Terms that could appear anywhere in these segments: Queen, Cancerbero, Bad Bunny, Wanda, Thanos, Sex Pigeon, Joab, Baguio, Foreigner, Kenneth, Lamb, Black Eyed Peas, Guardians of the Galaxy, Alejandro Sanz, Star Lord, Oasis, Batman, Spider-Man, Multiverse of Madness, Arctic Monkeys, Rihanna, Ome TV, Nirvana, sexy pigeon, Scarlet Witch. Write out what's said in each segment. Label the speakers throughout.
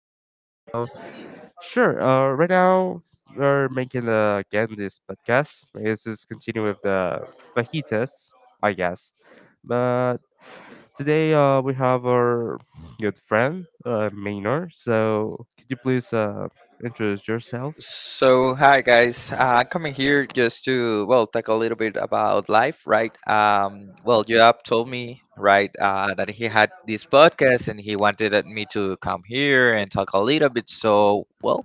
Speaker 1: FM. So, sure, right now we're making the again this podcast. Let's just continue with the fajitas, I guess. But today we have our good friend, Maynor. So, could you please introduce yourself?
Speaker 2: So, hi guys. Coming here just to talk a little bit about life, right? Joab told me, right, that he had this podcast and he wanted at me to come here and talk a little bit. So, well,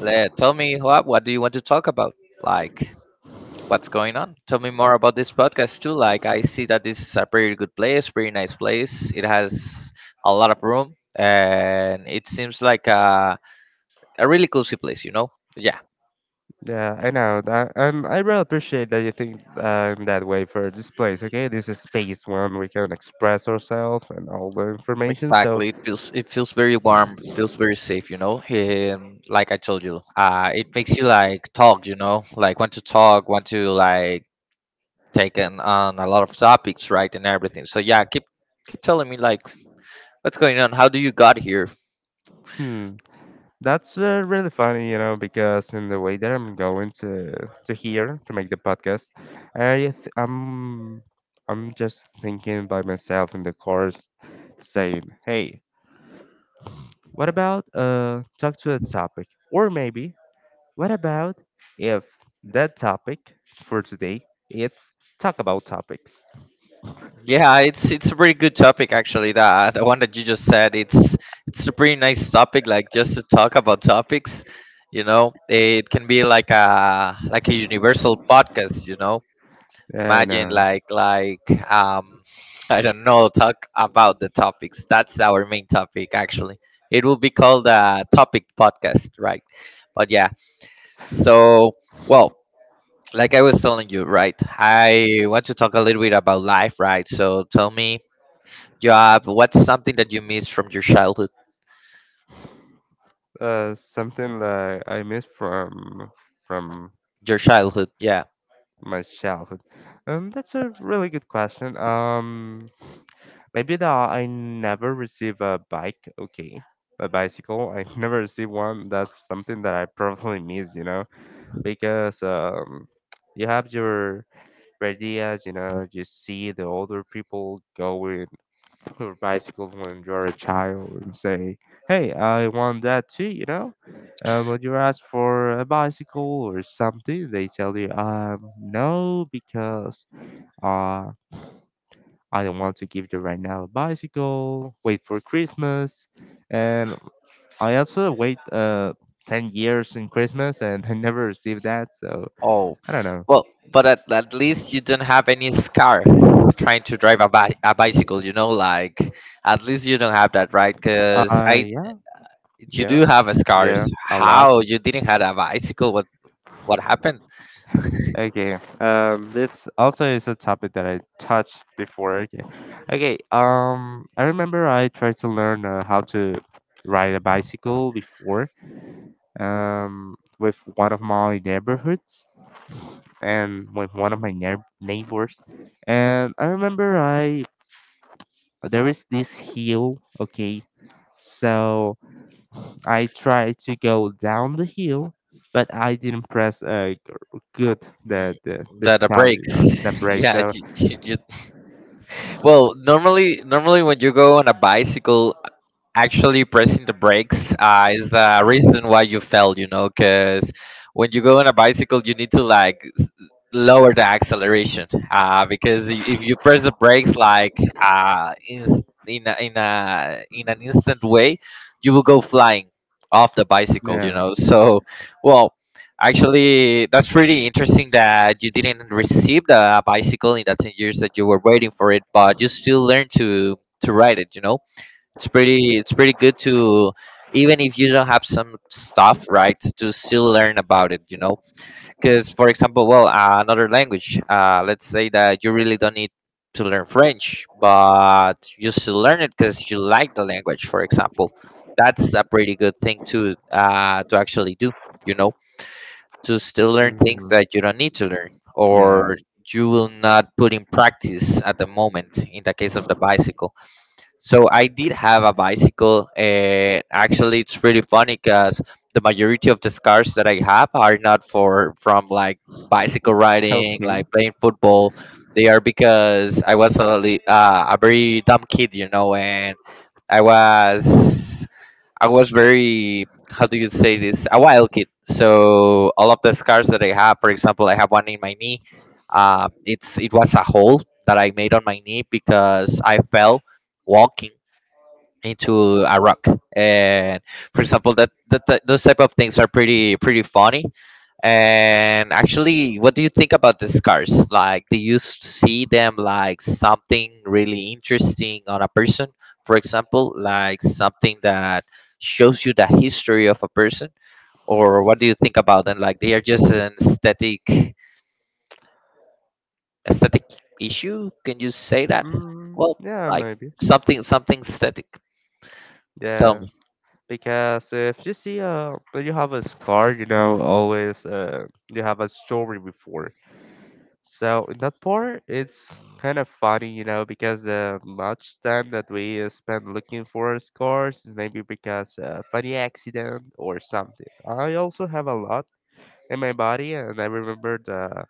Speaker 2: let tell me Joab, what do you want to talk about? Like, what's going on? Tell me more about this podcast too. Like, I see that this is a pretty good place, pretty nice place. It has a lot of room, and it seems like a really cozy place, you know? Yeah,
Speaker 1: Yeah, I know. I really appreciate that you think in that way for this place. Okay, this is space when we can express ourselves and all the information. So,
Speaker 2: exactly. It feels very warm. It feels very safe, you know. Like I told you, it makes you like talk, like want to talk, want to like take in, on a lot of topics, right, and everything. So yeah, keep telling me like what's going on. How do you got here?
Speaker 1: hmm, that's really funny, you know, because in the way that I'm going to here to make the podcast, I th I'm just thinking by myself in the course, saying, hey, what about talk to a topic, or maybe what about if that topic for today it's talk about topics?
Speaker 2: Yeah, it's a pretty good topic actually. That the one that you just said, it's a pretty nice topic. Like just to talk about topics, you know, it can be like a universal podcast, you know.
Speaker 1: I
Speaker 2: Imagine
Speaker 1: know,
Speaker 2: like I don't know, talk about the topics. That's our main topic actually. It will be called a topic podcast, right? But yeah. So, well, like I was telling you, right? I want to talk a little bit about life, right? So tell me, Joab, what's something that you miss from your childhood?
Speaker 1: something like I miss from
Speaker 2: Your childhood, yeah.
Speaker 1: my childhood. That's a really good question. Maybe that I never receive a bike. Okay, a bicycle. I never receive one. That's something that I probably miss. You know, because you have your ideas. You know, you see the older people going or bicycles when you're a child and say, "Hey, I want that too," you know. When you ask for a bicycle or something, they tell you, no, because uh, I don't want to give you right now a bicycle. Wait for Christmas." And I also wait 10 years in Christmas and I never received that, so
Speaker 2: Oh,
Speaker 1: I don't know.
Speaker 2: well, but at least you don't have any scar trying to drive a bicycle, you know, like at least you don't have that, right? Because I
Speaker 1: Yeah,
Speaker 2: you
Speaker 1: yeah,
Speaker 2: do have a
Speaker 1: yeah,
Speaker 2: scars.
Speaker 1: a lot.
Speaker 2: How you didn't have a bicycle? What happened?
Speaker 1: Okay. This also is a topic that I touched before. Okay. Okay. I remember I tried to learn how to ride a bicycle before. With one of my neighborhoods and with one of my neighbors, and I remember I there is this hill. Okay. So I tried to go down the hill, but I didn't press good the
Speaker 2: Mm,
Speaker 1: the the
Speaker 2: the
Speaker 1: stop, you
Speaker 2: brakes.
Speaker 1: know, the brake.
Speaker 2: Yeah,
Speaker 1: So
Speaker 2: normally normally when you go on a bicycle, actually pressing the brakes is the reason why you fell, you know, because when you go on a bicycle, you need to like lower the acceleration because if you press the brakes like in s- in a, in a in an instant way, you will go flying off the bicycle. You
Speaker 1: yeah.
Speaker 2: know, so well, actually, that's pretty interesting that you didn't receive the bicycle in the 10 years that you were waiting for it, but you still learn to ride it. You know, it's pretty good to even if you don't have some stuff, right, to still learn about it. You know, because for example, another language, let's say that you really don't need to learn French but you still learn it because you like the language, for example. That's a pretty good thing to actually do, you know, to still learn things
Speaker 1: Hmm.
Speaker 2: that you don't need to learn
Speaker 1: Yeah.
Speaker 2: or you will not put in practice at the moment. In the case of the bicycle, so I did have a bicycle, and actually, it's pretty funny because the majority of the scars that I have are not for from like bicycle riding,
Speaker 1: Okay.
Speaker 2: like playing football. They are because I was a very dumb kid, you know, and I was I was very, how do you say this, a wild kid. So all of the scars that I have, for example, I have one in my knee. It was a hole that I made on my knee because I fell walking into a rock. And for example that those type of things are pretty funny. And actually, what do you think about the scars? Like, do you see them like something really interesting on a person, for example, like something that shows you the history of a person, or what do you think about them? Like, they are just an aesthetic issue, can you say that?
Speaker 1: Mm,
Speaker 2: Well,
Speaker 1: yeah,
Speaker 2: like
Speaker 1: maybe.
Speaker 2: something, something aesthetic. Tell
Speaker 1: Yeah,
Speaker 2: me.
Speaker 1: because if you see when you have a scar, you know, always you have a story before. So in that part, it's kind of funny, you know, because the much time that we spend looking for scars is maybe because funny accident or something. I also have a lot in my body, and I remember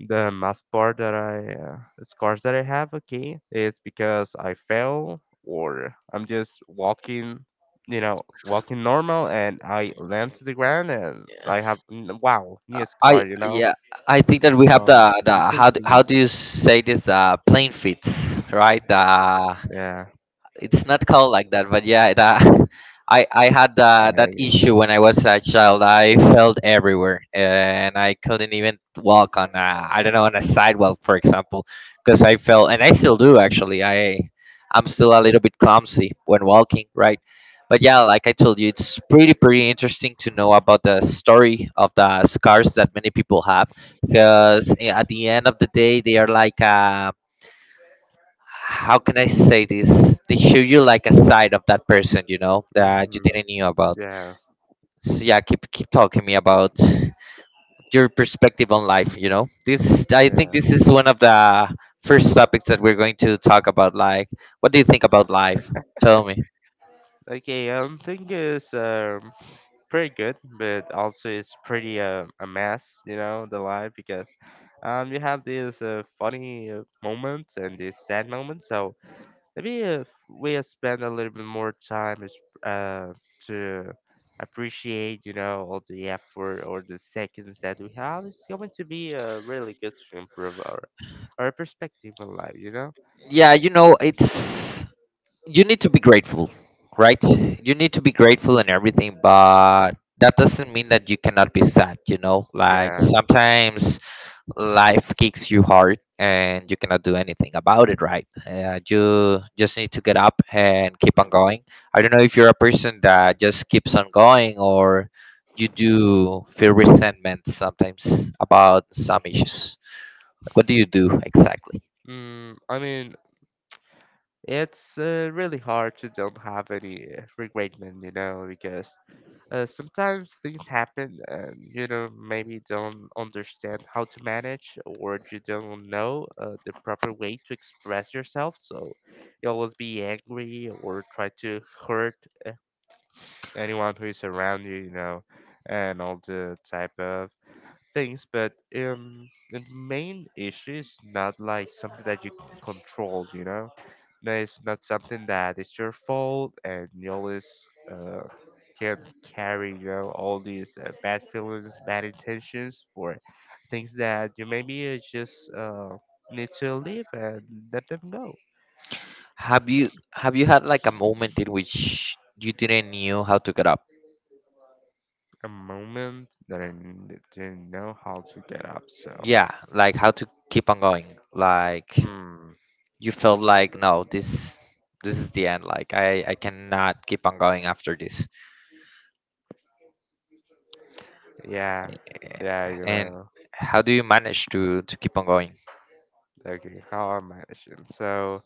Speaker 1: the most part that I scars that I have, okay, is because I fell or I'm just walking, you know, walking normal and I land to the ground and I have wow, new
Speaker 2: I,
Speaker 1: scar, you know.
Speaker 2: yeah, I think that we have the,
Speaker 1: You can see,
Speaker 2: how do you say this, plane fits, right? The,
Speaker 1: yeah,
Speaker 2: it's not called like that, but yeah. That I had, that
Speaker 1: I,
Speaker 2: issue when I was a child. I felt everywhere and I couldn't even walk on, I don't know, on a sidewalk for example, because I felt, and I still do, actually. I'm still a little bit clumsy when walking, right? But yeah, like I told you, it's pretty interesting to know about the story of the scars that many people have, because at the end of the day they are like, how can I say this? They show you like a side of that person, you know, that you
Speaker 1: mm,
Speaker 2: didn't know about.
Speaker 1: yeah,
Speaker 2: So yeah, keep talking me about your perspective on life, you know. This I think
Speaker 1: yeah.
Speaker 2: this is one of the first topics that we're going to talk about. Like, what do you think about life? Tell me.
Speaker 1: Okay, um, thing is, um. Pretty good, but also it's pretty a mess, you know, the life because you have these funny moments and these sad moments. So maybe if we spend a little bit more time is- uh to appreciate, you know, all the effort or the seconds that we have, it's going to be really good to improve our perspective on life, you know.
Speaker 2: Yeah, you know, it's, you need to be grateful, right? You need to be grateful and everything, but that doesn't mean that you cannot be sad, you know? Like
Speaker 1: Yeah.
Speaker 2: sometimes life kicks you hard and you cannot do anything about it, right? You just need to get up and keep on going. I don't know if you're a person that just keeps on going or you do feel resentment sometimes about some issues. What do you do exactly?
Speaker 1: I mean, it's really hard to don't have any regretment, you know, because sometimes things happen and you know maybe don't understand how to manage or you don't know the proper way to express yourself. So you always be angry or try to hurt anyone who is around you, you know, and all the type of things, but the main issue is not like something that you can control, you know? No, it's not something that is your fault and you always uh, can carry, you know, all these bad feelings, bad intentions for things that you maybe just need to leave and let them go.
Speaker 2: Have you have you had like a moment in which you didn't knew how to get up?
Speaker 1: A moment that didn't know how to get up, so.
Speaker 2: Yeah, like how to keep on going. Like,
Speaker 1: Hmm.
Speaker 2: you felt like, no, this, this is the end, like I cannot keep on going after this.
Speaker 1: Yeah.
Speaker 2: A-
Speaker 1: Yeah, you
Speaker 2: and
Speaker 1: know,
Speaker 2: how do you manage to keep on going?
Speaker 1: okay, how I managing. So,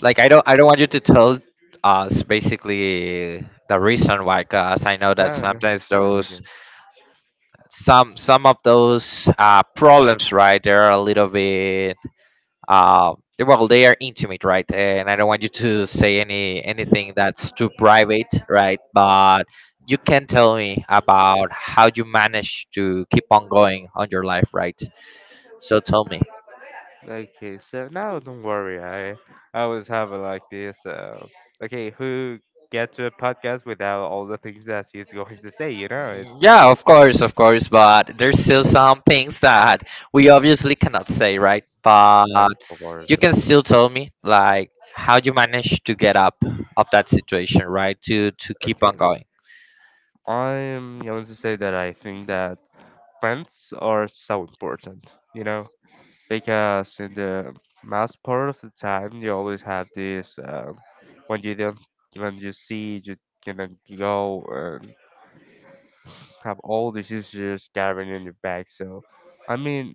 Speaker 2: Like I don't, I don't want you to tell us basically the reason why, because I know that
Speaker 1: no, no,
Speaker 2: sometimes
Speaker 1: no,
Speaker 2: those,
Speaker 1: okay.
Speaker 2: some of those problems, right, they're a little bit, uh, well, they are intimate, right, and I don't want you to say anything that's too private, right? But you can tell me about how you manage to keep on going on your life, right? So tell me.
Speaker 1: Okay, so now don't worry. I always have it like this. Okay, who get to a podcast without all the things that he's going to say? You know, it's
Speaker 2: Yeah, of course but there's still some things that we obviously cannot say, right? But
Speaker 1: of course,
Speaker 2: you
Speaker 1: of
Speaker 2: can still
Speaker 1: course.
Speaker 2: tell me like how you manage to get up of that situation, right, to keep
Speaker 1: Okay,
Speaker 2: on going.
Speaker 1: I am going to say that I think that friends are so important. You know, because in the most part of the time, you always have this. When you don't, when you see, you cannot go. Have all these issues gathering in your back. So, I mean,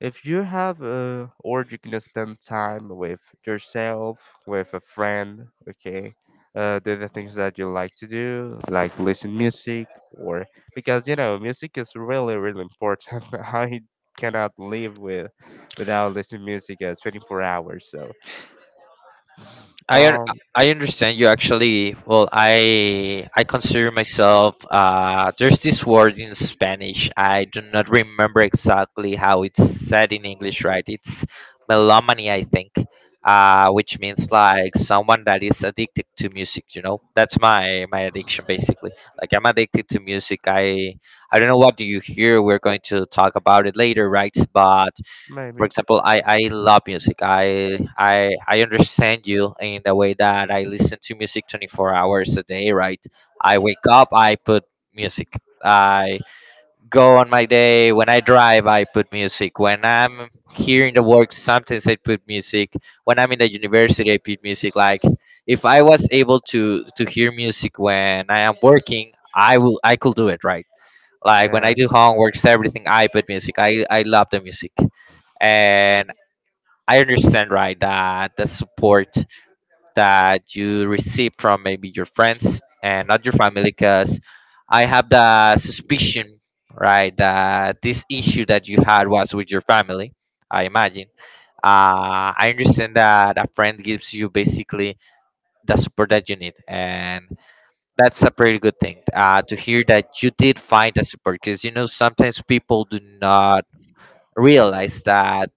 Speaker 1: if you have a, or you can spend time with yourself, with a friend, okay, do the things that you like to do, like listen music, or because you know music is really really important. I cannot live with without listening music at 24 hours. So,
Speaker 2: I un-
Speaker 1: um,
Speaker 2: I understand you actually. Well, I consider myself, there's this word in Spanish, I do not remember exactly how it's said in English, right? It's melomany, I think. Which means like someone that is addicted to music. You know, that's my my addiction basically. Like, I'm addicted to music. I don't know what do you hear. We're going to talk about it later, right? But for
Speaker 1: maybe.
Speaker 2: example, I love music. I I understand you in the way that I listen to music 24 hours a day, right? I wake up, I put music, I go on my day. When I drive, I put music. When I'm here in the work, sometimes I put music. When I'm in the university, I put music. Like, if I was able to hear music when I am working, I could do it, right? Like when
Speaker 1: Yeah.
Speaker 2: I do homeworks everything, I put music. I love the music. And I understand, right, that the support that you receive from maybe your friends and not your family, because I have the suspicion, right, that this issue that you had was with your family, I imagine. I understand that a friend gives you basically the support that you need, and that's a pretty good thing to hear that you did find the support, because you know sometimes people do not realize that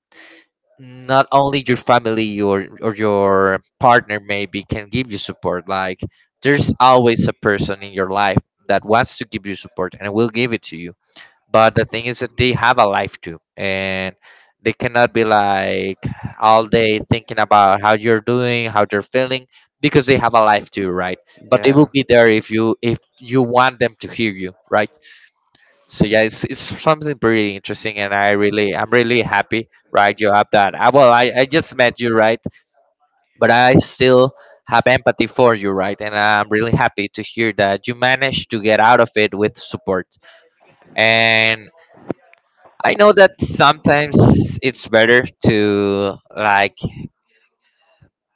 Speaker 2: not only your family or your partner maybe can give you support. Like, there's always a person in your life that wants to give you support and will give it to you, but the thing is that they have a life too and they cannot be like all day thinking about how you're doing, how they're feeling, because they have a life too, right? But they will
Speaker 1: Yeah,
Speaker 2: be there if you, if you want them to hear you, right? So yeah, it's something pretty interesting, and I really, I'm really happy, right, you have that. Well, I just met you, right, but I still have empathy for you, right, and I'm really happy to hear that you managed to get out of it with support. And I know that sometimes it's better to like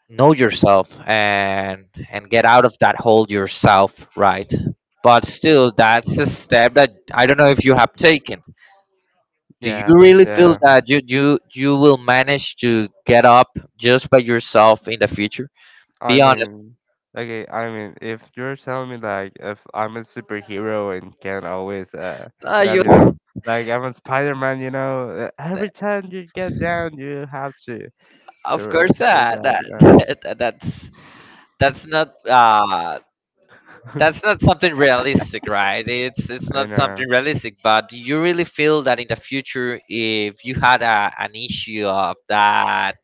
Speaker 2: know yourself and get out of that hole yourself, right? But still, that's a step that I don't know if you have taken. Do you
Speaker 1: yeah,
Speaker 2: really feel
Speaker 1: yeah.
Speaker 2: that you will manage to get up just by yourself in the future?
Speaker 1: I
Speaker 2: Be honest.
Speaker 1: mean, okay, I mean, if you're telling me like if I'm a superhero and can always
Speaker 2: Uh,
Speaker 1: get up,
Speaker 2: you,
Speaker 1: you know, like I'm a Spider-Man, you know, every time you get down, you have to
Speaker 2: of course,
Speaker 1: reach out, you know.
Speaker 2: that's that's not uh that's not something realistic, right? It's
Speaker 1: I
Speaker 2: not
Speaker 1: know.
Speaker 2: something realistic. But do you really feel that in the future, if you had an issue of that,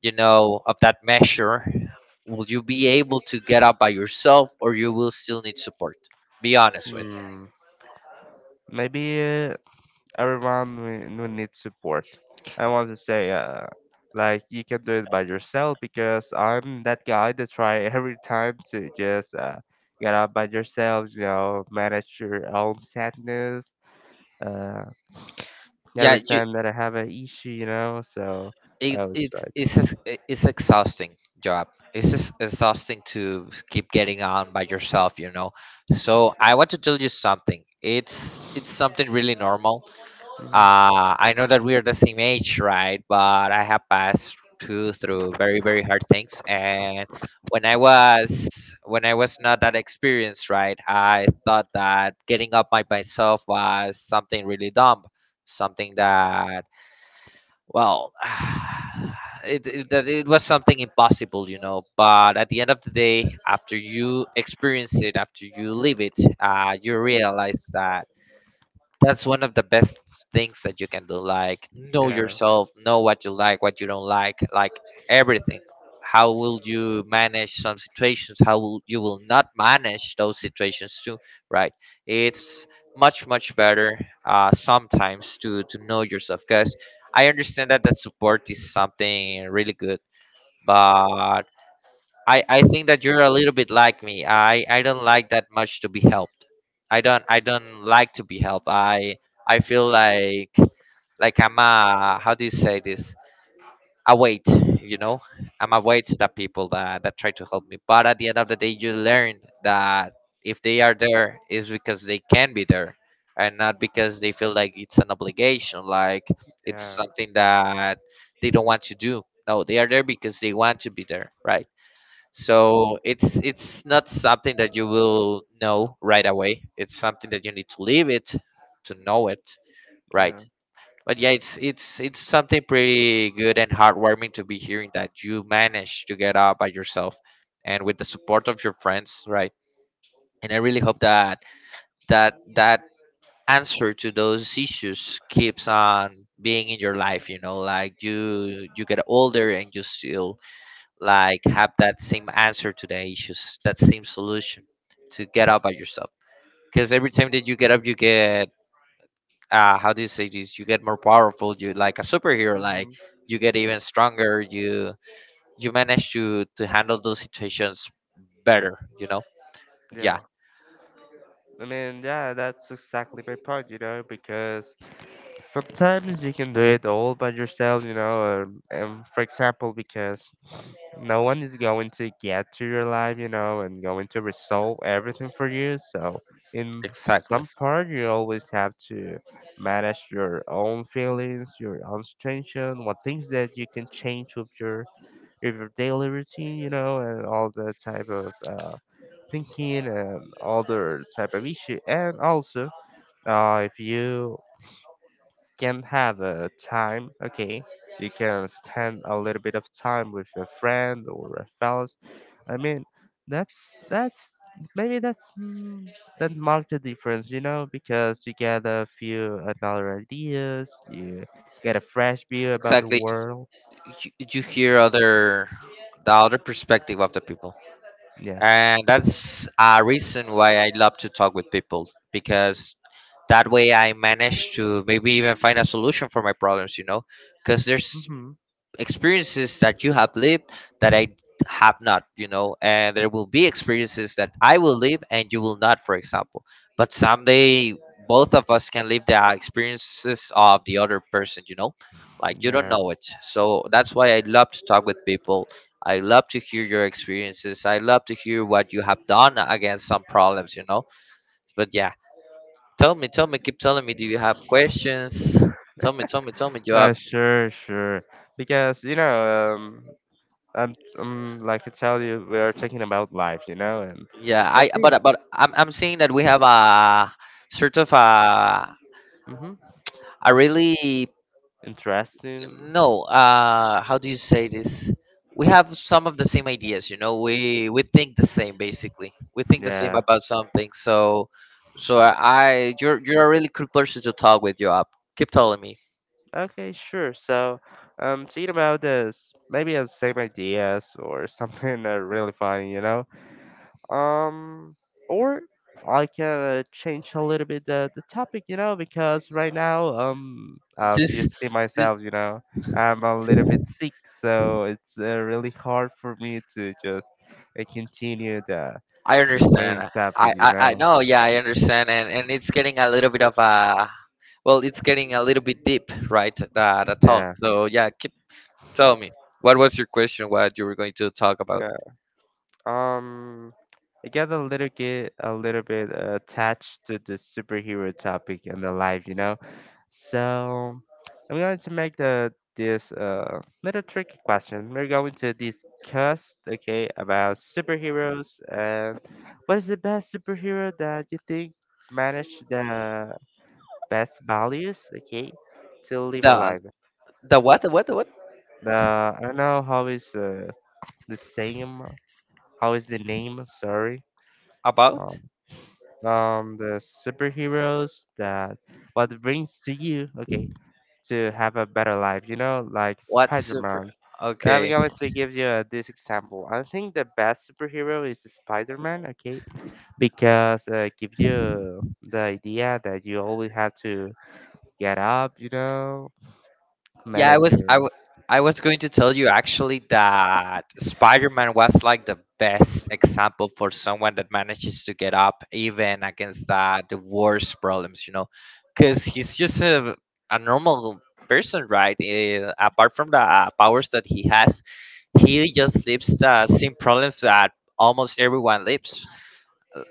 Speaker 2: of that measure, will you be able to get up by yourself, or you will still need support? Be honest with me.
Speaker 1: Hmm. Maybe. Everyone will need support. I want to say, like you can do it by yourself because I'm that guy that try every time to just get up by yourself. You know, manage your own sadness. Uh,
Speaker 2: Yeah,
Speaker 1: every
Speaker 2: you,
Speaker 1: time that I have an issue, you know, so I
Speaker 2: it's
Speaker 1: always try
Speaker 2: it's
Speaker 1: to.
Speaker 2: it's ex- it's exhausting job. It's just exhausting to keep getting on by yourself, you know. So I want to tell you something. It's something really normal.
Speaker 1: Mhm.
Speaker 2: I know that we are the same age, right? But I have passed too through very, very hard things. And when I was not that experienced, right? I thought that getting up by myself was something really dumb, something that, well, it was something impossible, you know. But at the end of the day, after you experience it, after you live it, you realize that that's one of the best things that you can do. Like, know
Speaker 1: Yeah,
Speaker 2: yourself, know what you like, what you don't like everything. How will you manage some situations? You will not manage those situations too, right? It's much, much better, sometimes to know yourself, because I understand that that support is something really good, but I think that you're a little bit like me. I don't like that much to be helped. I don't like to be helped. I feel like I'm a, how do you say this? A weight, you know. I'm a weight to the people that try to help me. But at the end of the day, you learn that if they are there, is because they can be there, and not because they feel like it's an obligation, like it's
Speaker 1: yeah,
Speaker 2: something that they don't want to do. No, they are there because they want to be there, right? So it's not something that you will know right away. It's something that you need to live it, to know it, right?
Speaker 1: yeah.
Speaker 2: But yeah, it's something pretty good and heartwarming to be hearing that you managed to get out by yourself and with the support of your friends, right? And I really hope that that answer to those issues keeps on being in your life, you know. Like you get older and you still like have that same answer to the issues, that same solution to get up by yourself. Because every time that you get up, you get, how do you say this? You get more powerful. You like a superhero. Like
Speaker 1: Hmm.
Speaker 2: you get even stronger. You manage to handle those situations better. You know? Yeah,
Speaker 1: Yeah. I mean, yeah, that's exactly my point, you know, because sometimes you can do it all by yourself, you know, and for example, because no one is going to get to your life, you know, and going to resolve everything for you. So, in
Speaker 2: exactly,
Speaker 1: some part, you always have to manage your own feelings, your own situation, what things that you can change with your daily routine, you know, and all the type of thinking and other type of issue. And also, if you can have a time, okay, you can spend a little bit of time with your friend or a fellas. I mean, that's that's maybe that's mm, that marked the difference, you know, because you get a few another ideas, you get a fresh view about the
Speaker 2: exactly.
Speaker 1: world.
Speaker 2: You hear other the other perspective of the people,
Speaker 1: Yeah.
Speaker 2: and that's a reason why I love to talk with people, because that way I manage to maybe even find a solution for my problems, you know. Because there's
Speaker 1: Hmm.
Speaker 2: experiences that you have lived that I have not, you know, and there will be experiences that I will live and you will not, for example. But someday both of us can live the experiences of the other person, you know. Like you don't
Speaker 1: Yeah.
Speaker 2: know it. So that's why I love to talk with people. I love to hear your experiences, I love to hear what you have done against some problems, you know. But yeah, tell me, tell me, keep telling me. Do you have questions? Tell me, tell me, tell me. You have,
Speaker 1: Sure, sure. Because you know, I'm, like I tell you, we are talking about life, you know, and
Speaker 2: yeah.
Speaker 1: I
Speaker 2: I
Speaker 1: see.
Speaker 2: but I'm saying that we have a sort of
Speaker 1: Mm-hmm.
Speaker 2: a really,
Speaker 1: Interesting.
Speaker 2: no. How do you say this? We have some of the same ideas. You know, we think the same basically. We think the same
Speaker 1: Yeah.
Speaker 2: about something. So so I you're a really cool person to talk with. You up. Keep telling me
Speaker 1: Okay, sure. So, thinking about this, maybe the same ideas or something really funny, you know. Um, or I can change a little bit the topic, you know, because right now, as you
Speaker 2: this.
Speaker 1: see myself, you know, I'm a little bit sick, so it's really hard for me to just continue
Speaker 2: I
Speaker 1: the main
Speaker 2: understand.
Speaker 1: topic, you
Speaker 2: I
Speaker 1: know.
Speaker 2: no, yeah, I understand. And it's getting a little bit of a, it's getting a little bit deep, right? The talk.
Speaker 1: Yeah,
Speaker 2: So yeah, keep tell me, what was your question? What you were going to talk about?
Speaker 1: yeah. Um, I get a little bit attached to the superhero topic in the life, you know. So I'm going to make the this little tricky question. We're going to discuss okay about superheroes and what is the best superhero that you think manage the best values okay to live
Speaker 2: The
Speaker 1: alive.
Speaker 2: the what the what the what
Speaker 1: The I don't know how is the same How is the name, sorry?
Speaker 2: about?
Speaker 1: um the superheroes that what brings to you okay to have a better life, you know, like
Speaker 2: What
Speaker 1: Spider
Speaker 2: super?
Speaker 1: Man. I'm
Speaker 2: Okay.
Speaker 1: going to give you this example. I think the best superhero is Spider Man, okay? Because give you the idea that you always have to get up, you know,
Speaker 2: Yeah,
Speaker 1: manage your.
Speaker 2: I was going to tell you actually that Spider-Man was like the best example for someone that manages to get up even against the worst problems, you know. Because he's just a normal person, right? Eh, apart from the powers that he has, he just lives the same problems that almost everyone lives.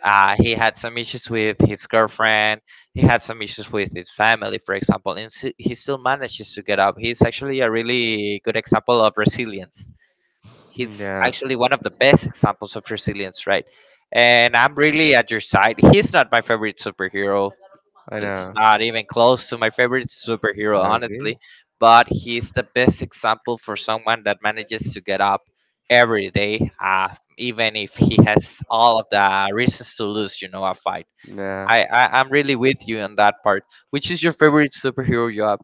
Speaker 2: He had some issues with his girlfriend. He had some issues with his family, for example, and he still manages to get up. He's actually a really good example of resilience. He's
Speaker 1: Yeah,
Speaker 2: actually one of the best examples of resilience, right? And I'm really at your side. He's not my favorite superhero.
Speaker 1: I
Speaker 2: It's
Speaker 1: know.
Speaker 2: not even close to my favorite superhero, honestly,
Speaker 1: Okay.
Speaker 2: but he's the best example for someone that manages to get up every day, even if he has all of the reasons to lose, you know, a fight.
Speaker 1: Yeah.
Speaker 2: I'm really with you on that part. Which is your favorite superhero you have?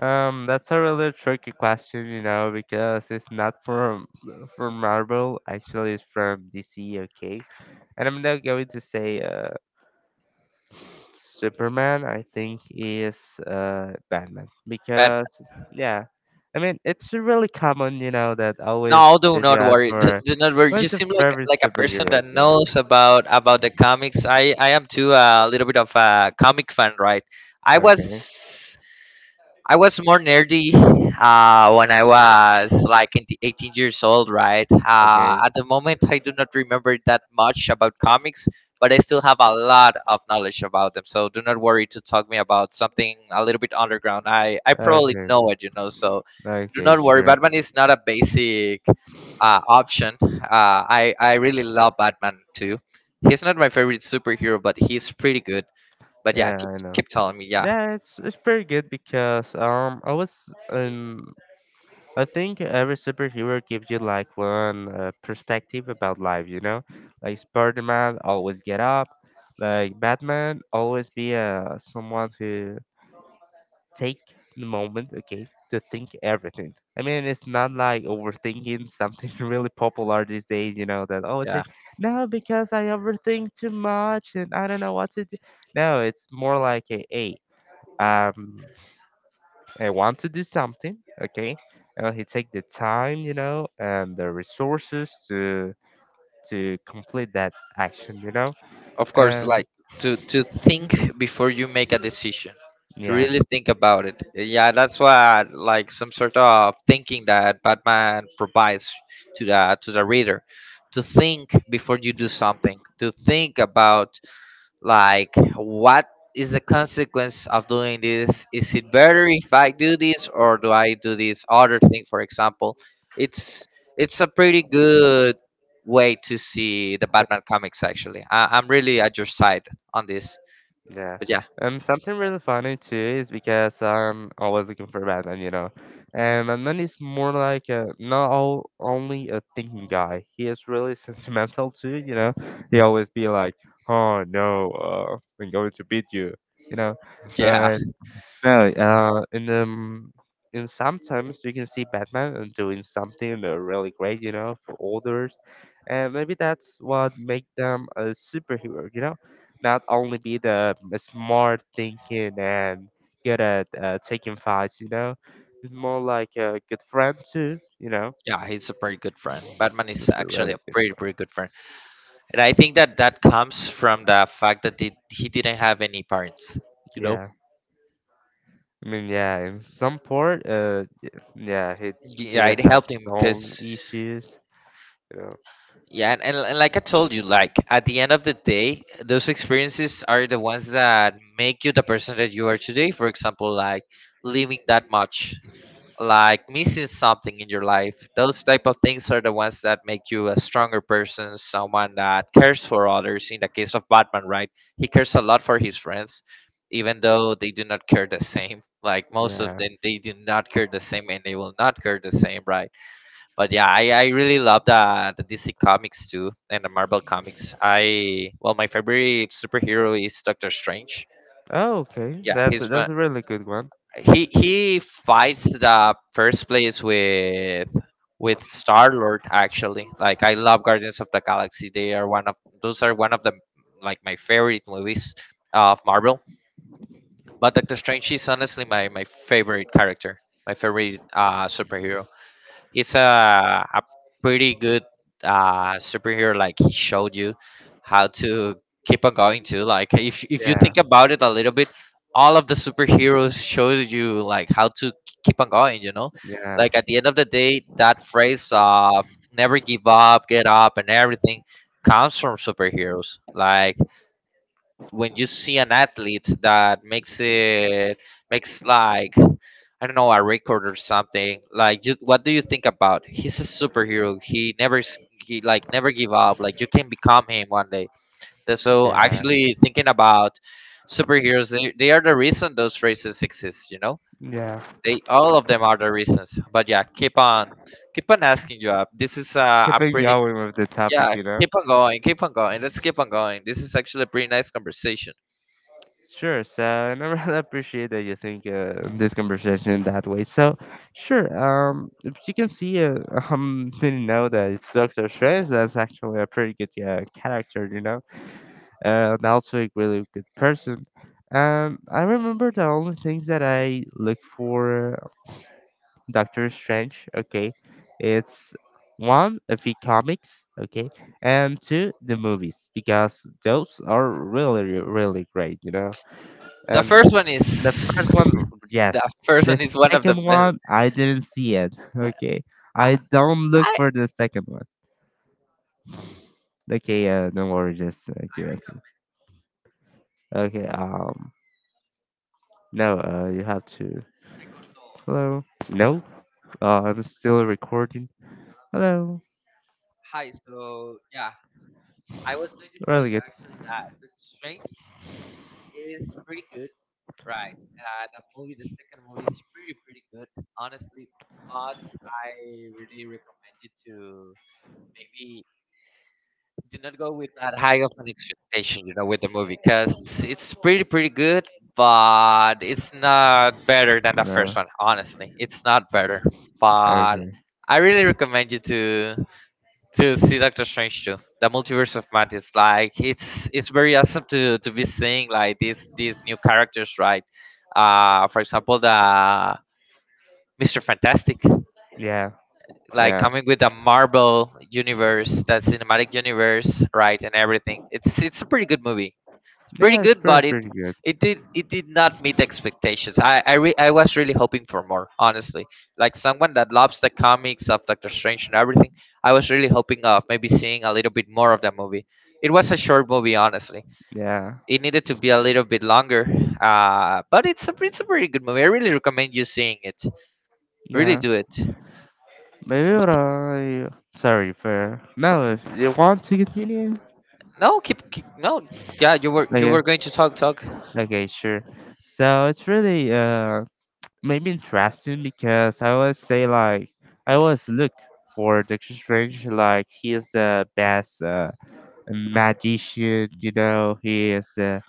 Speaker 1: That's a really tricky question, you know, because it's not from Marvel. Actually, it's from DC. Okay, and I'm not going to say Superman. I think is Batman
Speaker 2: Batman.
Speaker 1: because yeah, I mean it's really common, you know, that always
Speaker 2: No, do
Speaker 1: did you
Speaker 2: not
Speaker 1: ask
Speaker 2: worry.
Speaker 1: for
Speaker 2: Do not worry. You
Speaker 1: what's your
Speaker 2: seem
Speaker 1: favorite
Speaker 2: like a person
Speaker 1: superhero?
Speaker 2: that
Speaker 1: You know?
Speaker 2: knows about the comics. I am too a little bit of a comic fan, right? I
Speaker 1: Okay,
Speaker 2: was I was more nerdy, when I was like in the 18 years old, right?
Speaker 1: okay,
Speaker 2: At the moment, I do not remember that much about comics, but I still have a lot of knowledge about them. So do not worry to talk me about something a little bit underground. I probably
Speaker 1: okay,
Speaker 2: know it, you know. So do
Speaker 1: okay,
Speaker 2: not worry.
Speaker 1: sure.
Speaker 2: Batman is not a basic option. I really love Batman too. He's not my favorite superhero, but he's pretty good. But yeah,
Speaker 1: Yeah, I know.
Speaker 2: keep telling me. Yeah,
Speaker 1: Yeah, it's pretty good because I was I think every superhero gives you like one perspective about life, you know? Like Spider-Man always get up, like Batman always be someone who take the moment, okay, to think everything. I mean, it's not like overthinking something really popular these days, you know, that always say,
Speaker 2: yeah,
Speaker 1: no, because I overthink too much and I don't know what to do. No, it's more like a, hey, um, I want to do something, okay, and he take the time, you know, and the resources to complete that action, you know,
Speaker 2: of course.
Speaker 1: and
Speaker 2: Like to
Speaker 1: mhm,
Speaker 2: think before you make a decision, to
Speaker 1: yeah.
Speaker 2: really think about it. Yeah, that's why like some sort of thinking that Batman provides to the reader, to think before you do something, to think about, like, what is the consequence of doing this? Is it better if I do this or do I do this other thing? For example, it's it's a pretty good way to see the
Speaker 1: So,
Speaker 2: Batman comics. Actually, I'm really at your side on this.
Speaker 1: yeah.
Speaker 2: But yeah,
Speaker 1: Something really funny too is because I'm always looking for Batman, you know. And Batman is more like a, not all, only a thinking guy. He is really sentimental too, you know. He always be like, "Oh no, I'm going to beat you," you know.
Speaker 2: yeah,
Speaker 1: But no, in sometimes you can see Batman and doing something really great, you know, for others, and maybe that's what make them a superhero, you know, not only be the smart thinking and good at taking fights, you know, it's more like a good friend too, you know.
Speaker 2: yeah, he's a pretty good friend. Batman is
Speaker 1: It's a
Speaker 2: actually a
Speaker 1: really good
Speaker 2: pretty
Speaker 1: friend.
Speaker 2: pretty good friend, and I think that that comes from the fact that he didn't have any parents. You know,
Speaker 1: Yeah, I mean, yeah, in some part, yeah, he
Speaker 2: yeah, it
Speaker 1: has
Speaker 2: helped
Speaker 1: his
Speaker 2: him because,
Speaker 1: own issues.
Speaker 2: yeah, and like I told you, like at the end of the day, those experiences are the ones that make you the person that you are today. For example, like living that much, like missing something in your life. Those type of things are the ones that make you a stronger person, someone that cares for others. In the case of Batman, right? He cares a lot for his friends, even though they do not care the same. Like most of
Speaker 1: Yeah.
Speaker 2: them, they do not care the same, and they will not care the same, right? But yeah, I really love the DC comics too and the Marvel comics. I well, my favorite superhero is Doctor Strange.
Speaker 1: Oh, okay.
Speaker 2: Yeah,
Speaker 1: That's a,
Speaker 2: he's
Speaker 1: that's
Speaker 2: my,
Speaker 1: a really good one.
Speaker 2: he fights the first place with Star Lord, actually. Like I love Guardians of the Galaxy. They are one of, those are one of the, like, my favorite movies of Marvel. But Doctor Strange is honestly my my favorite character, my favorite superhero. It's a pretty good superhero. Like he showed you how to keep on going too. Like if you
Speaker 1: Yeah.
Speaker 2: think about it a little bit, all of the superheroes showed you like how to keep on going. You know,
Speaker 1: Yeah.
Speaker 2: like at the end of the day, that phrase of never give up, get up, and everything comes from superheroes. Like when you see an athlete that makes it, makes like I don't know, a record or something, like you, what do you think about? He's a superhero. He never s- he like never give up. Like you can become him one day. So
Speaker 1: Yeah.
Speaker 2: actually thinking about superheroes, they are the reason those races exist, you know.
Speaker 1: Yeah.
Speaker 2: They, all of them are the reasons. But yeah, keep on asking you up. This is, a
Speaker 1: Keeping
Speaker 2: pretty,
Speaker 1: going with the topic,
Speaker 2: yeah,
Speaker 1: you know.
Speaker 2: keep on going let's keep on going. This is actually a pretty nice conversation.
Speaker 1: Sure. So, and I really appreciate that you think this conversation that way. So, sure. If you can see, didn't know that it's Doctor Strange. That's actually a pretty good character, you know, and also a really good person. I remember the only things that I look for Doctor Strange. Okay, it's one of the comics. Okay, and two the movies because those are really really great, you know,
Speaker 2: The
Speaker 1: and.
Speaker 2: first one
Speaker 1: The
Speaker 2: is
Speaker 1: first one, yes.
Speaker 2: the first
Speaker 1: The
Speaker 2: one is one of the
Speaker 1: second
Speaker 2: best.
Speaker 1: one, I didn't see it. Okay, I don't look
Speaker 2: I,
Speaker 1: for the second one. Okay, don't worry, just give us. Okay, no, you have to. Hello. No, I'm still recording. Hello.
Speaker 2: Hi, so yeah, I was going to tell
Speaker 1: Really good.
Speaker 2: you that Strange is pretty good, right? The second movie is pretty good, honestly. But I really recommend you to maybe do not go with that high of an expectation, with the movie, because it's pretty good, but it's not better than the first
Speaker 1: No.
Speaker 2: one, honestly. It's not better, but
Speaker 1: Okay.
Speaker 2: I really recommend you to see Doctor Strange too. The Multiverse of Madness, like, it's very awesome to be seeing like these new characters, right? For example, the Mister Fantastic,
Speaker 1: Yeah.
Speaker 2: like,
Speaker 1: Yeah.
Speaker 2: coming with a Marvel universe, that cinematic universe, right, and everything. It's a pretty good movie. It's pretty
Speaker 1: Yeah, it's
Speaker 2: good,
Speaker 1: pretty,
Speaker 2: but it
Speaker 1: pretty good.
Speaker 2: it did it did not meet expectations. I was really hoping for more, honestly. Like someone that loves the comics of Doctor Strange and everything, I was really hoping of maybe seeing a little bit more of that movie. It was a short movie, honestly.
Speaker 1: Yeah.
Speaker 2: It needed to be a little bit longer, but it's a pretty good movie. I really recommend you seeing it. Really
Speaker 1: Yeah.
Speaker 2: do it.
Speaker 1: Maybe what I sorry for no. If you want to continue,
Speaker 2: No, keep, keep no. Yeah, you were you
Speaker 1: okay,
Speaker 2: were going to talk.
Speaker 1: okay, sure. So it's really maybe interesting because I always say like I always look for Doctor Strange like he is the best magician. You know, he is the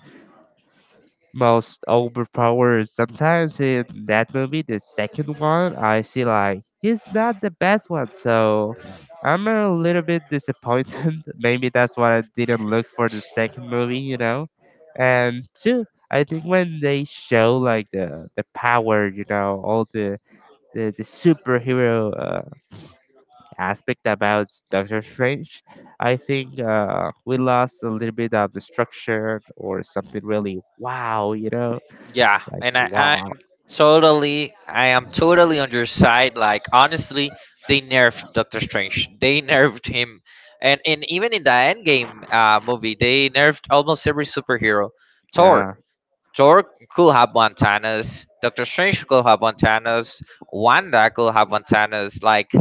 Speaker 1: most overpowered. Sometimes in that movie, the second one, I see like he's not the best one, so I'm a little bit disappointed. Maybe that's why I didn't look for the second movie, you know. And two, I think when they show like the power, you know, all the superhero aspect about Doctor Strange. I think we lost a little bit of the structure or something really wow, you know,
Speaker 2: Yeah,
Speaker 1: like
Speaker 2: and I
Speaker 1: wow.
Speaker 2: I'm totally I am totally on your side. Like, honestly, they nerfed Doctor Strange. They nerfed him, and even in the Endgame movie, they nerfed almost every superhero. Thor.
Speaker 1: Yeah.
Speaker 2: Thor could have one Thanos. Doctor Strange could have one Thanos. Wanda could have one Thanos. Like,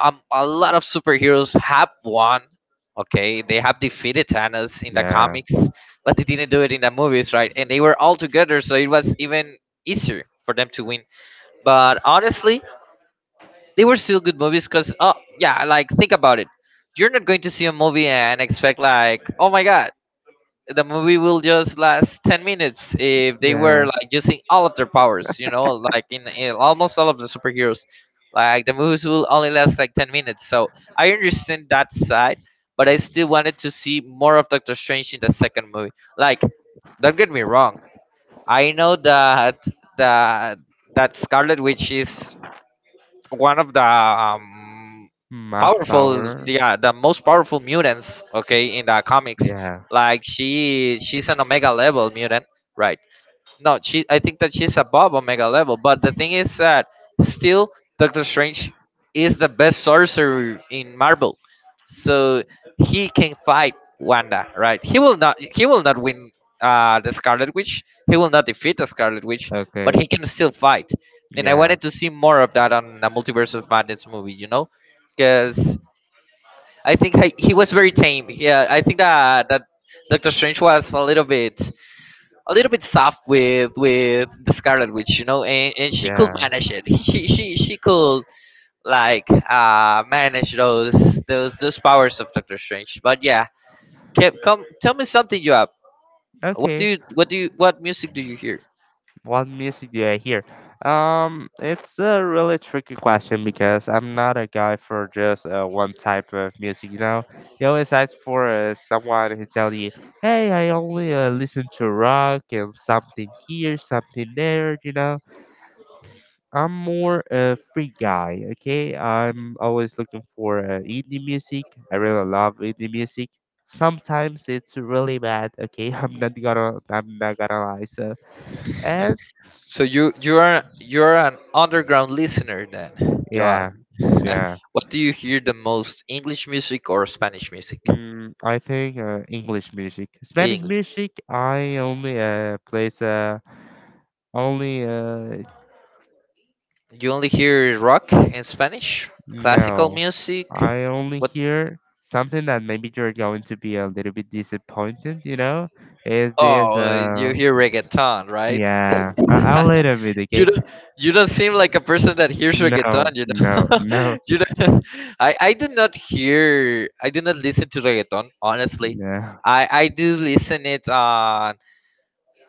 Speaker 2: a lot of superheroes have won. Okay, they have defeated Thanos in the
Speaker 1: Yeah.
Speaker 2: comics, but they didn't do it in the movies, right? And they were all together, so it was even easier for them to win. But honestly, they were still good movies because, oh, yeah, like, think about it. You're not going to see a movie and expect like, oh my god, the movie will just last 10 minutes if they were
Speaker 1: Yeah.
Speaker 2: like using all of their powers, like, in almost all of the superheroes, like, the movies will only last like 10 minutes. So I understand that side, but I still wanted to see more of Doctor Strange in the second movie. Like, don't get me wrong, I know that that Scarlet Witch is one of the,
Speaker 1: Mass
Speaker 2: powerful,
Speaker 1: power.
Speaker 2: yeah, the most powerful mutants, okay, in the comics.
Speaker 1: Yeah.
Speaker 2: Like, she's an omega level mutant, right? No, she. I think that she's above Omega level. But the thing is that, still, Doctor Strange is the best sorcerer in Marvel, so he can fight Wanda. Right? He will not. He will not win the Scarlet Witch. He will not defeat the Scarlet Witch, but he
Speaker 1: Okay.
Speaker 2: can still fight. And I
Speaker 1: Yeah.
Speaker 2: wanted to see more of that on the Multiverse of Madness movie. You know, because I think he was very tame. Yeah, I think that Doctor Strange was a little bit soft with the Scarlet Witch, and, she could
Speaker 1: Yeah.
Speaker 2: manage it. She could, manage those powers of Doctor Strange. But yeah, Kev, come tell me something, you have. What do
Speaker 1: Okay.
Speaker 2: you what do you what music do you hear?
Speaker 1: What music do I hear? It's a really tricky question because I'm not a guy for just one type of music. You know, you always ask for someone who tell you, "Hey, I only listen to rock and something here, something there." You know, I'm more a free guy. Okay, I'm always looking for indie music. I really love indie music. Sometimes it's really bad. Okay, I'm not gonna lie. So. And.
Speaker 2: So you're an underground listener then,
Speaker 1: Yeah,
Speaker 2: Joab.
Speaker 1: yeah.
Speaker 2: What do you hear the most? English music or Spanish music?
Speaker 1: I think English music, Spanish
Speaker 2: English.
Speaker 1: music. I only plays only
Speaker 2: You only hear rock and Spanish, classical
Speaker 1: no.
Speaker 2: music.
Speaker 1: I only
Speaker 2: What
Speaker 1: hear something that maybe you're going to be a little bit disappointed. You know, is this
Speaker 2: Oh, you hear reggaeton, right?
Speaker 1: yeah, a little bit
Speaker 2: you
Speaker 1: okay?
Speaker 2: don't you don't seem like a person that hears reggaeton,
Speaker 1: No,
Speaker 2: you
Speaker 1: no,
Speaker 2: know.
Speaker 1: no,
Speaker 2: you don't, I did not listen to reggaeton, honestly.
Speaker 1: no.
Speaker 2: I do listen it on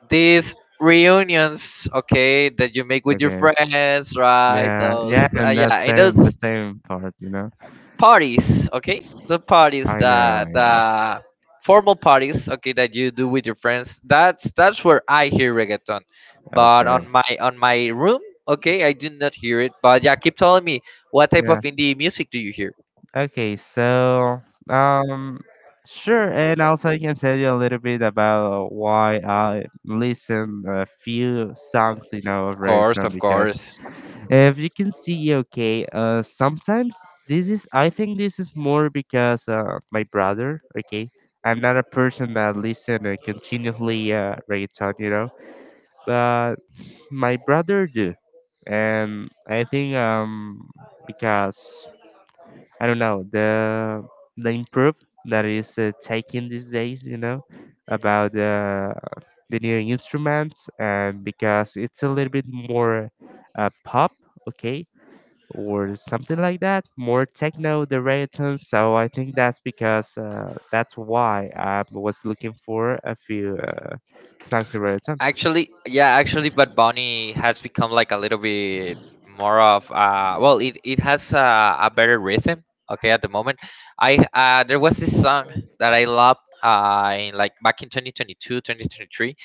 Speaker 2: these reunions, okay, that you make with your
Speaker 1: Okay.
Speaker 2: friends, right?
Speaker 1: Yeah. Yeah.
Speaker 2: Those,
Speaker 1: And that
Speaker 2: yeah, in
Speaker 1: same the
Speaker 2: those
Speaker 1: same part. You know.
Speaker 2: parties, okay, the parties,
Speaker 1: I know.
Speaker 2: the
Speaker 1: I know.
Speaker 2: the formal parties, okay, that you do with your friends. That's where I hear reggaeton, but on
Speaker 1: Okay.
Speaker 2: my room, okay, I do not hear it. But yeah, keep telling me, what type of
Speaker 1: Yeah.
Speaker 2: indie music do you hear?
Speaker 1: Okay. So um. Sure, and also I can tell you a little bit about why I listen a few songs, you know, of
Speaker 2: Of course,
Speaker 1: reggaeton
Speaker 2: of
Speaker 1: because
Speaker 2: course.
Speaker 1: if you can see, okay, sometimes this is, I think this is more because my brother, okay, I'm not a person that listen and continuously reggaeton, you know, but my brother do, and I think because I don't know the improve that is taking these days, you know, about the new instruments, and because it's a little bit more pop, okay, or something like that, more techno, the reggaeton. So I think that's because that's why I was looking for a few songs in reggaeton.
Speaker 2: Actually, yeah, actually, but Bonnie has become like a little bit more of, well, it has a better rhythm. Okay, at the moment, I there was this song that I loved, in like back in 2022, 2023.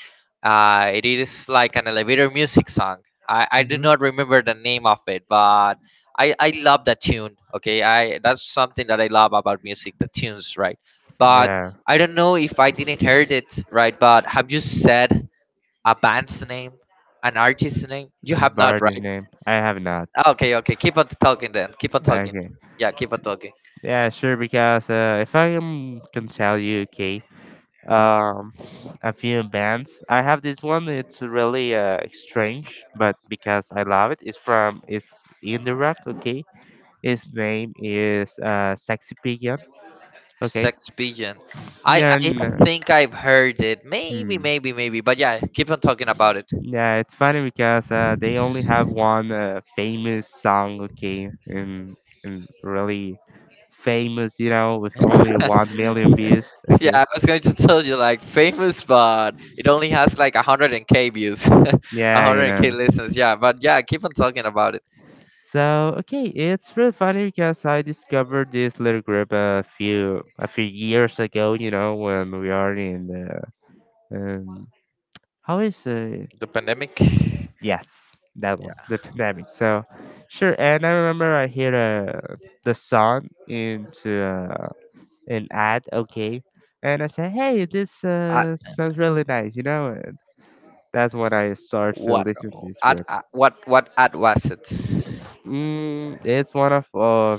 Speaker 2: It is like an elevator music song. I do
Speaker 1: Hmm.
Speaker 2: not remember the name of it, but I love that tune. Okay, I that's something that I love about music, the tunes, right? But
Speaker 1: Yeah,
Speaker 2: I don't know if I didn't heard it right, but have you said a band's name, an artist's name? You
Speaker 1: and
Speaker 2: have not,
Speaker 1: Barty's
Speaker 2: right?
Speaker 1: name. I have not.
Speaker 2: Ah, okay, okay. Keep on talking then. Keep on talking.
Speaker 1: Okay.
Speaker 2: Yeah, keep on talking.
Speaker 1: Yeah, sure. Because if I can tell you, okay, um a few bands I have this one, it's really strange, but because I love it, it's from it's indie rock. Okay, his name is Sexy Pigeon. Okay.
Speaker 2: Sex pigeon. I
Speaker 1: No, no,
Speaker 2: I
Speaker 1: no.
Speaker 2: think I've heard it. Maybe,
Speaker 1: Hmm.
Speaker 2: maybe, maybe. But yeah, keep on talking about it.
Speaker 1: Yeah, it's funny because they only have one famous song, okay, and really famous, you know, with only 1 million views,
Speaker 2: Yeah,
Speaker 1: okay.
Speaker 2: I was going to tell you like famous, but it only has like 100K views,
Speaker 1: Yeah, you
Speaker 2: 100K
Speaker 1: know.
Speaker 2: listens. Yeah, but yeah, keep on talking about it.
Speaker 1: So okay, it's really funny because I discovered this little group a few years ago. You know, when we are in the, um how is,
Speaker 2: The pandemic.
Speaker 1: yes, that one,
Speaker 2: Yeah.
Speaker 1: the pandemic. So sure, and I remember I hear the song into an ad. Okay, and I say hey, this
Speaker 2: At
Speaker 1: sounds really nice. You know, and that's when I start to
Speaker 2: what?
Speaker 1: listen to this
Speaker 2: At,
Speaker 1: group.
Speaker 2: at what? What ad was it?
Speaker 1: Mm, it's one of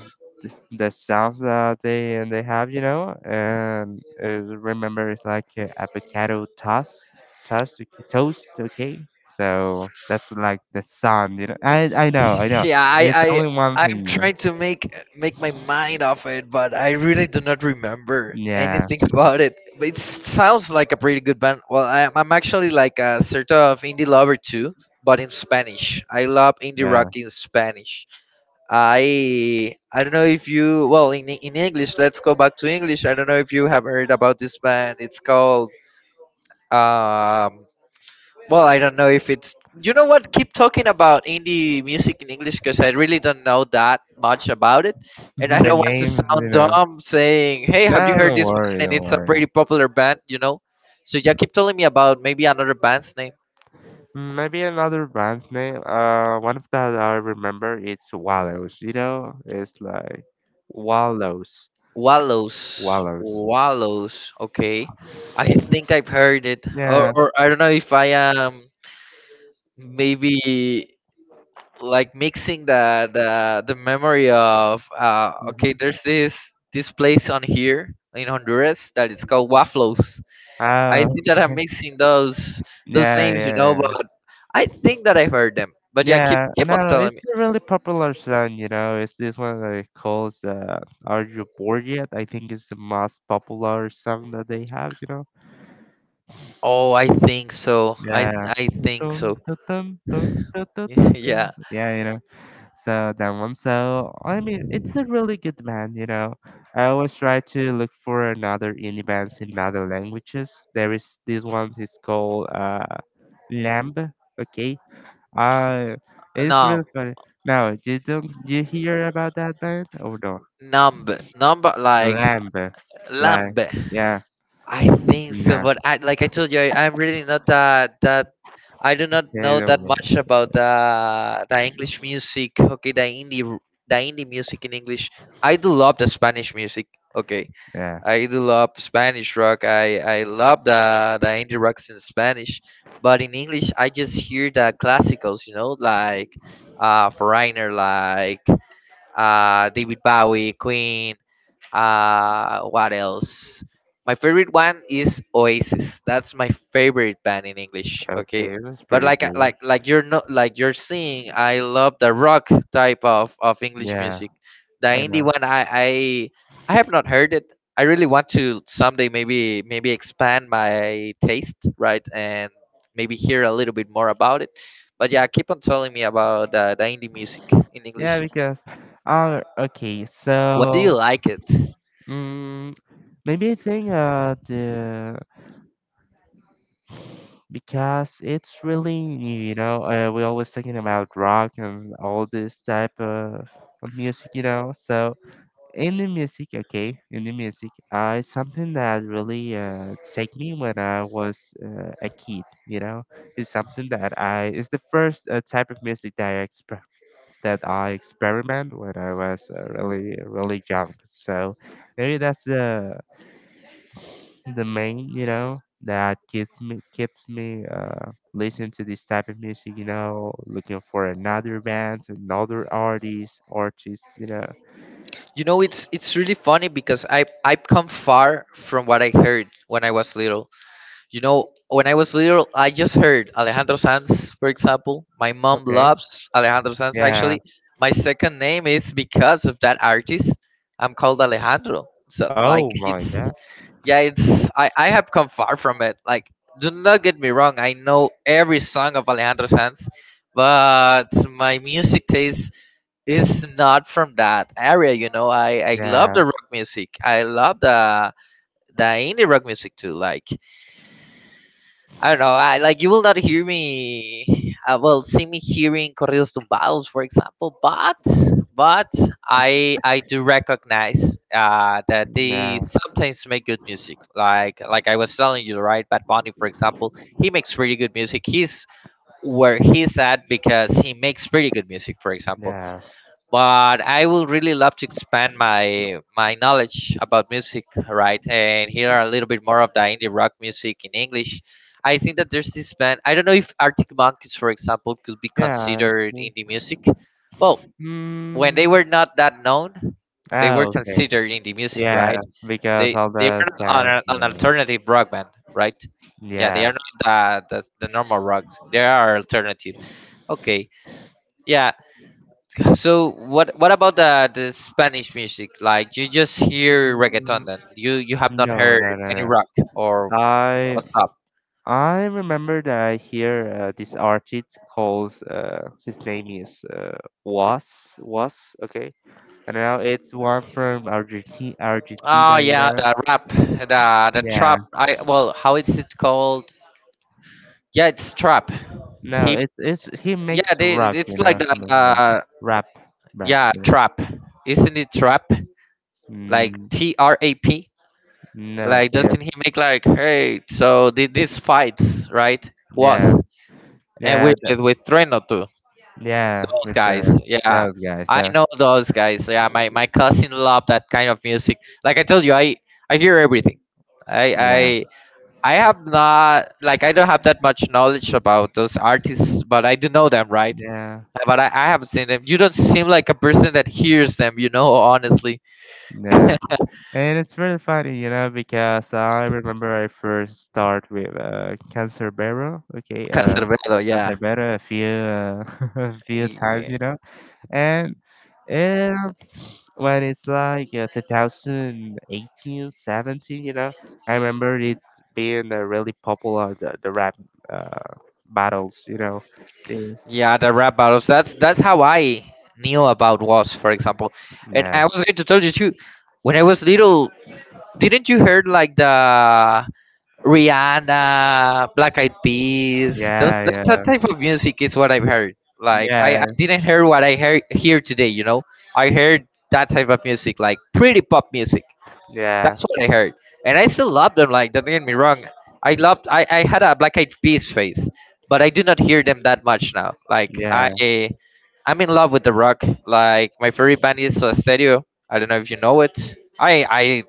Speaker 1: the sauce that they have, you know, and is, remember it's like avocado toast, toast, okay, toast, okay. So that's like the sun, you know. I know, I know.
Speaker 2: Yeah, I,
Speaker 1: It's
Speaker 2: I
Speaker 1: only one thing,
Speaker 2: I'm
Speaker 1: you know.
Speaker 2: trying to make my mind off it, but I really do not remember
Speaker 1: Yeah,
Speaker 2: anything about it. But it sounds like a pretty good band. Well, I'm actually like a sort of indie lover too, but in Spanish. I love indie rock
Speaker 1: yeah.
Speaker 2: in Spanish. I don't know if you, well, in English. Let's go back to English. I don't know if you have heard about this band. It's called, um well, I don't know if it's. You know what? Keep talking about indie music in English because I really don't know that much about it, and I
Speaker 1: the
Speaker 2: don't want to
Speaker 1: names, you
Speaker 2: sound
Speaker 1: know.
Speaker 2: dumb saying, "Hey, have
Speaker 1: No,
Speaker 2: you heard
Speaker 1: don't
Speaker 2: this
Speaker 1: worry,
Speaker 2: band?" And
Speaker 1: don't
Speaker 2: it's a pretty
Speaker 1: worry.
Speaker 2: popular band, you know. So yeah, keep telling me about maybe another band's name.
Speaker 1: Maybe another brand name. One of that I remember it's Wallows. You know, it's like Wallows,
Speaker 2: Wallows.
Speaker 1: Wallows.
Speaker 2: Wallows. Okay. I think I've heard it, or,
Speaker 1: Yeah.
Speaker 2: or I don't know if I am maybe like mixing the memory of,
Speaker 1: Mm-hmm.
Speaker 2: okay, there's this place on here in Honduras that it's called Waflos. I
Speaker 1: Ah,
Speaker 2: think that I'm mixing those
Speaker 1: yeah,
Speaker 2: names, you
Speaker 1: yeah,
Speaker 2: know,
Speaker 1: yeah.
Speaker 2: but I think that I've heard them. But yeah, keep
Speaker 1: Yeah,
Speaker 2: keep
Speaker 1: and I
Speaker 2: on
Speaker 1: don't know,
Speaker 2: telling
Speaker 1: it's
Speaker 2: me.
Speaker 1: a really popular song, you know. It's this one that it calls Are You Bored Yet? I think it's the most popular song that they have, you know.
Speaker 2: Oh, I think so. I
Speaker 1: Yeah.
Speaker 2: I think
Speaker 1: Dun,
Speaker 2: so.
Speaker 1: dun, dun, dun, dun, dun, dun,
Speaker 2: Yeah.
Speaker 1: dun. Yeah, you know. So that one. So, I mean, it's a really good band, you know. I always try to look for another indie bands in other languages. There is this one, it's called Lamb. Okay. Uh, it's really
Speaker 2: Numb,
Speaker 1: funny. No, you don't. You hear about that band? Oh no,
Speaker 2: numb, numb, like,
Speaker 1: Lamb.
Speaker 2: lamb.
Speaker 1: Like, yeah,
Speaker 2: I think so,
Speaker 1: no,
Speaker 2: but I like I told you, I'm really not that I do not
Speaker 1: they
Speaker 2: know that
Speaker 1: don't want
Speaker 2: much
Speaker 1: it.
Speaker 2: about the English music. Okay, the indie music in English. I do love the Spanish music. Okay,
Speaker 1: Yeah,
Speaker 2: I do love Spanish rock. I love the indie rocks in Spanish, but in English, I just hear the classicals. You know, like, Foreigner, like, David Bowie, Queen. What else? My favorite one is Oasis. That's my favorite band in English. Okay,
Speaker 1: okay, it was
Speaker 2: but
Speaker 1: pretty
Speaker 2: like,
Speaker 1: cool.
Speaker 2: like you're not like you're seeing. I love the rock type of English
Speaker 1: Yeah,
Speaker 2: music. The
Speaker 1: I
Speaker 2: indie
Speaker 1: know.
Speaker 2: one, I have not heard it. I really want to someday, maybe expand my taste, right, and maybe hear a little bit more about it. But yeah, keep on telling me about, the indie music in English.
Speaker 1: Yeah, because, okay,
Speaker 2: Why do
Speaker 1: so,
Speaker 2: you like it?
Speaker 1: mm, maybe I think the because it's really new, you know. We always talking about rock and all this type of music, you know. So in the music, okay, in the music, it's something that really take me when I was a kid. You know, it's something that I it's the first type of music that that I experiment when I was really really young. So maybe that's the main, you know, that keeps me listening to this type of music. You know, looking for another bands, another artist, artists. You know,
Speaker 2: You know, it's really funny because I've come far from what I heard when I was little. You know, when I was little, I just heard Alejandro Sanz, for example. My mom
Speaker 1: okay,
Speaker 2: loves Alejandro Sanz.
Speaker 1: yeah.
Speaker 2: Actually, my second name is because of that artist. I'm called Alejandro. So, like,
Speaker 1: Oh my
Speaker 2: it's
Speaker 1: god.
Speaker 2: yeah, it's I have come far from it. Like, do not get me wrong. I know every song of Alejandro Sanz, but my music taste is not from that area. You know, I love
Speaker 1: Yeah,
Speaker 2: the rock music. I love the indie rock music too. Like, I don't know, I, like, you will not hear me well see me hearing corridos tumbados, for example, but, but I do recognize, that they
Speaker 1: yeah,
Speaker 2: sometimes make good music. Like I was telling you, right, Bad Bunny, for example. He makes really good music. He's where he's at because he makes pretty good music, for example.
Speaker 1: yeah.
Speaker 2: But I would really love to expand my knowledge about music, right? And hear a little bit more of the indie rock music in English. I think that there's this band. I don't know if Arctic Monkeys, for example, could be
Speaker 1: Yeah, it's
Speaker 2: considered
Speaker 1: me.
Speaker 2: indie music. Well, when they
Speaker 1: Mm.
Speaker 2: were not that known, they were
Speaker 1: Oh, okay.
Speaker 2: considered indie music,
Speaker 1: Yeah,
Speaker 2: right?
Speaker 1: because
Speaker 2: They
Speaker 1: all
Speaker 2: they
Speaker 1: the
Speaker 2: are not
Speaker 1: sound, you
Speaker 2: an,
Speaker 1: know.
Speaker 2: alternative rock band, right? Yeah, they
Speaker 1: Yeah.
Speaker 2: are not the normal rock. They are alternative. Okay. Yeah. So what about the Spanish music? Like, you just hear reggaeton then. You have not
Speaker 1: No,
Speaker 2: heard
Speaker 1: no, no,
Speaker 2: any
Speaker 1: no.
Speaker 2: rock, or
Speaker 1: I
Speaker 2: what's up?
Speaker 1: I remember that I hear this artist calls his name is uh Was Was, okay. And now it's one from Argentina, Argentina,
Speaker 2: Oh
Speaker 1: you
Speaker 2: yeah,
Speaker 1: know.
Speaker 2: the rap, the
Speaker 1: Yeah.
Speaker 2: trap. I Well, how is it called? Yeah, it's trap.
Speaker 1: No,
Speaker 2: Him.
Speaker 1: it's he
Speaker 2: Yeah,
Speaker 1: makes
Speaker 2: they,
Speaker 1: rock, you
Speaker 2: it's
Speaker 1: know,
Speaker 2: like the,
Speaker 1: he makes rock, rap, rap,
Speaker 2: yeah,
Speaker 1: you know.
Speaker 2: trap. Isn't it trap? Like,
Speaker 1: Mm,
Speaker 2: TRAP.
Speaker 1: no,
Speaker 2: Like, doesn't
Speaker 1: it's
Speaker 2: he make like, hey? So these fights, right, was,
Speaker 1: yeah,
Speaker 2: and
Speaker 1: yeah,
Speaker 2: with
Speaker 1: that,
Speaker 2: with Treno too.
Speaker 1: yeah,
Speaker 2: Those guys,
Speaker 1: Ventura,
Speaker 2: yeah.
Speaker 1: those guys.
Speaker 2: I
Speaker 1: So
Speaker 2: know those guys, yeah. My cousin loved that kind of music, like I told you. I hear everything. i
Speaker 1: yeah,
Speaker 2: i i have not like i don't have that much knowledge about those artists, but I do know them, right?
Speaker 1: yeah,
Speaker 2: But I haven't seen them. You don't seem like a person that hears them, you know, honestly.
Speaker 1: yeah, and it's really funny, you know, because I remember I first start with Cancerbero, okay,
Speaker 2: Canserbero, yeah.
Speaker 1: Cancerbero a few a few times,
Speaker 2: Yeah,
Speaker 1: you know. And and when it's like 2018, 17, you know, I remember it's being really popular, the rap uh, battles, you know. Things.
Speaker 2: yeah, the rap battles, that's how I knew about Was, for example. And
Speaker 1: Yeah,
Speaker 2: I was going to tell you too, when I was little. Didn't you heard like the Rihanna, Black Eyed Peas? Those
Speaker 1: yeah,
Speaker 2: That
Speaker 1: yeah,
Speaker 2: type of music is what I've heard. Like, I
Speaker 1: yeah,
Speaker 2: didn't hear what I hear here today. You know, I heard that type of music, like pretty pop music.
Speaker 1: yeah,
Speaker 2: That's what I heard, and I still love them. Like, don't get me wrong, I loved. I had a Black Eyed Peas phase, but I do not hear them that much now. Like,
Speaker 1: yeah,
Speaker 2: I'm in love with the rock. Like, my favorite band is, Stereo. I don't know if you know it. I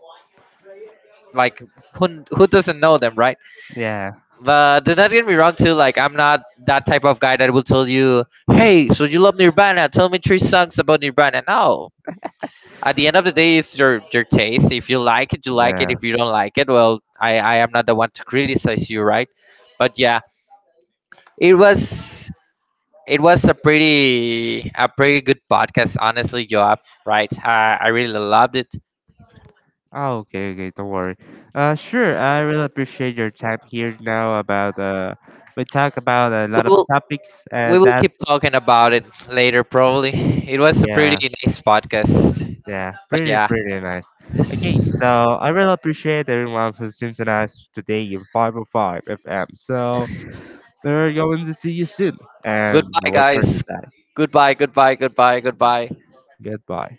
Speaker 2: like, who who doesn't know them, right?
Speaker 1: yeah,
Speaker 2: But do not get me wrong too, like, I'm not that type of guy that will tell you, "Hey, so you love Nirvana, tell me three songs about Nirvana." No, at the end of the day, it's your taste. If you like it, you like it.
Speaker 1: yeah.
Speaker 2: If you don't like it, well, I am not the one to criticize you, right? But yeah, it was it was a pretty good podcast, honestly, Joab, right? I really loved it.
Speaker 1: Oh, okay, okay, don't worry. Sure, I really appreciate your time here now about, we talk about a lot
Speaker 2: we
Speaker 1: of
Speaker 2: will
Speaker 1: topics,
Speaker 2: we
Speaker 1: and
Speaker 2: will keep
Speaker 1: that's,
Speaker 2: talking about it later, probably. It was a pretty
Speaker 1: yeah.
Speaker 2: nice podcast,
Speaker 1: Yeah,
Speaker 2: but
Speaker 1: pretty,
Speaker 2: yeah,
Speaker 1: pretty nice. Okay,
Speaker 2: S-
Speaker 1: so I really appreciate everyone who synchronized today in 505 FM. So we're going to see you soon, and
Speaker 2: goodbye,
Speaker 1: no further
Speaker 2: guys.
Speaker 1: guys.
Speaker 2: Goodbye, goodbye, goodbye, goodbye.
Speaker 1: Goodbye.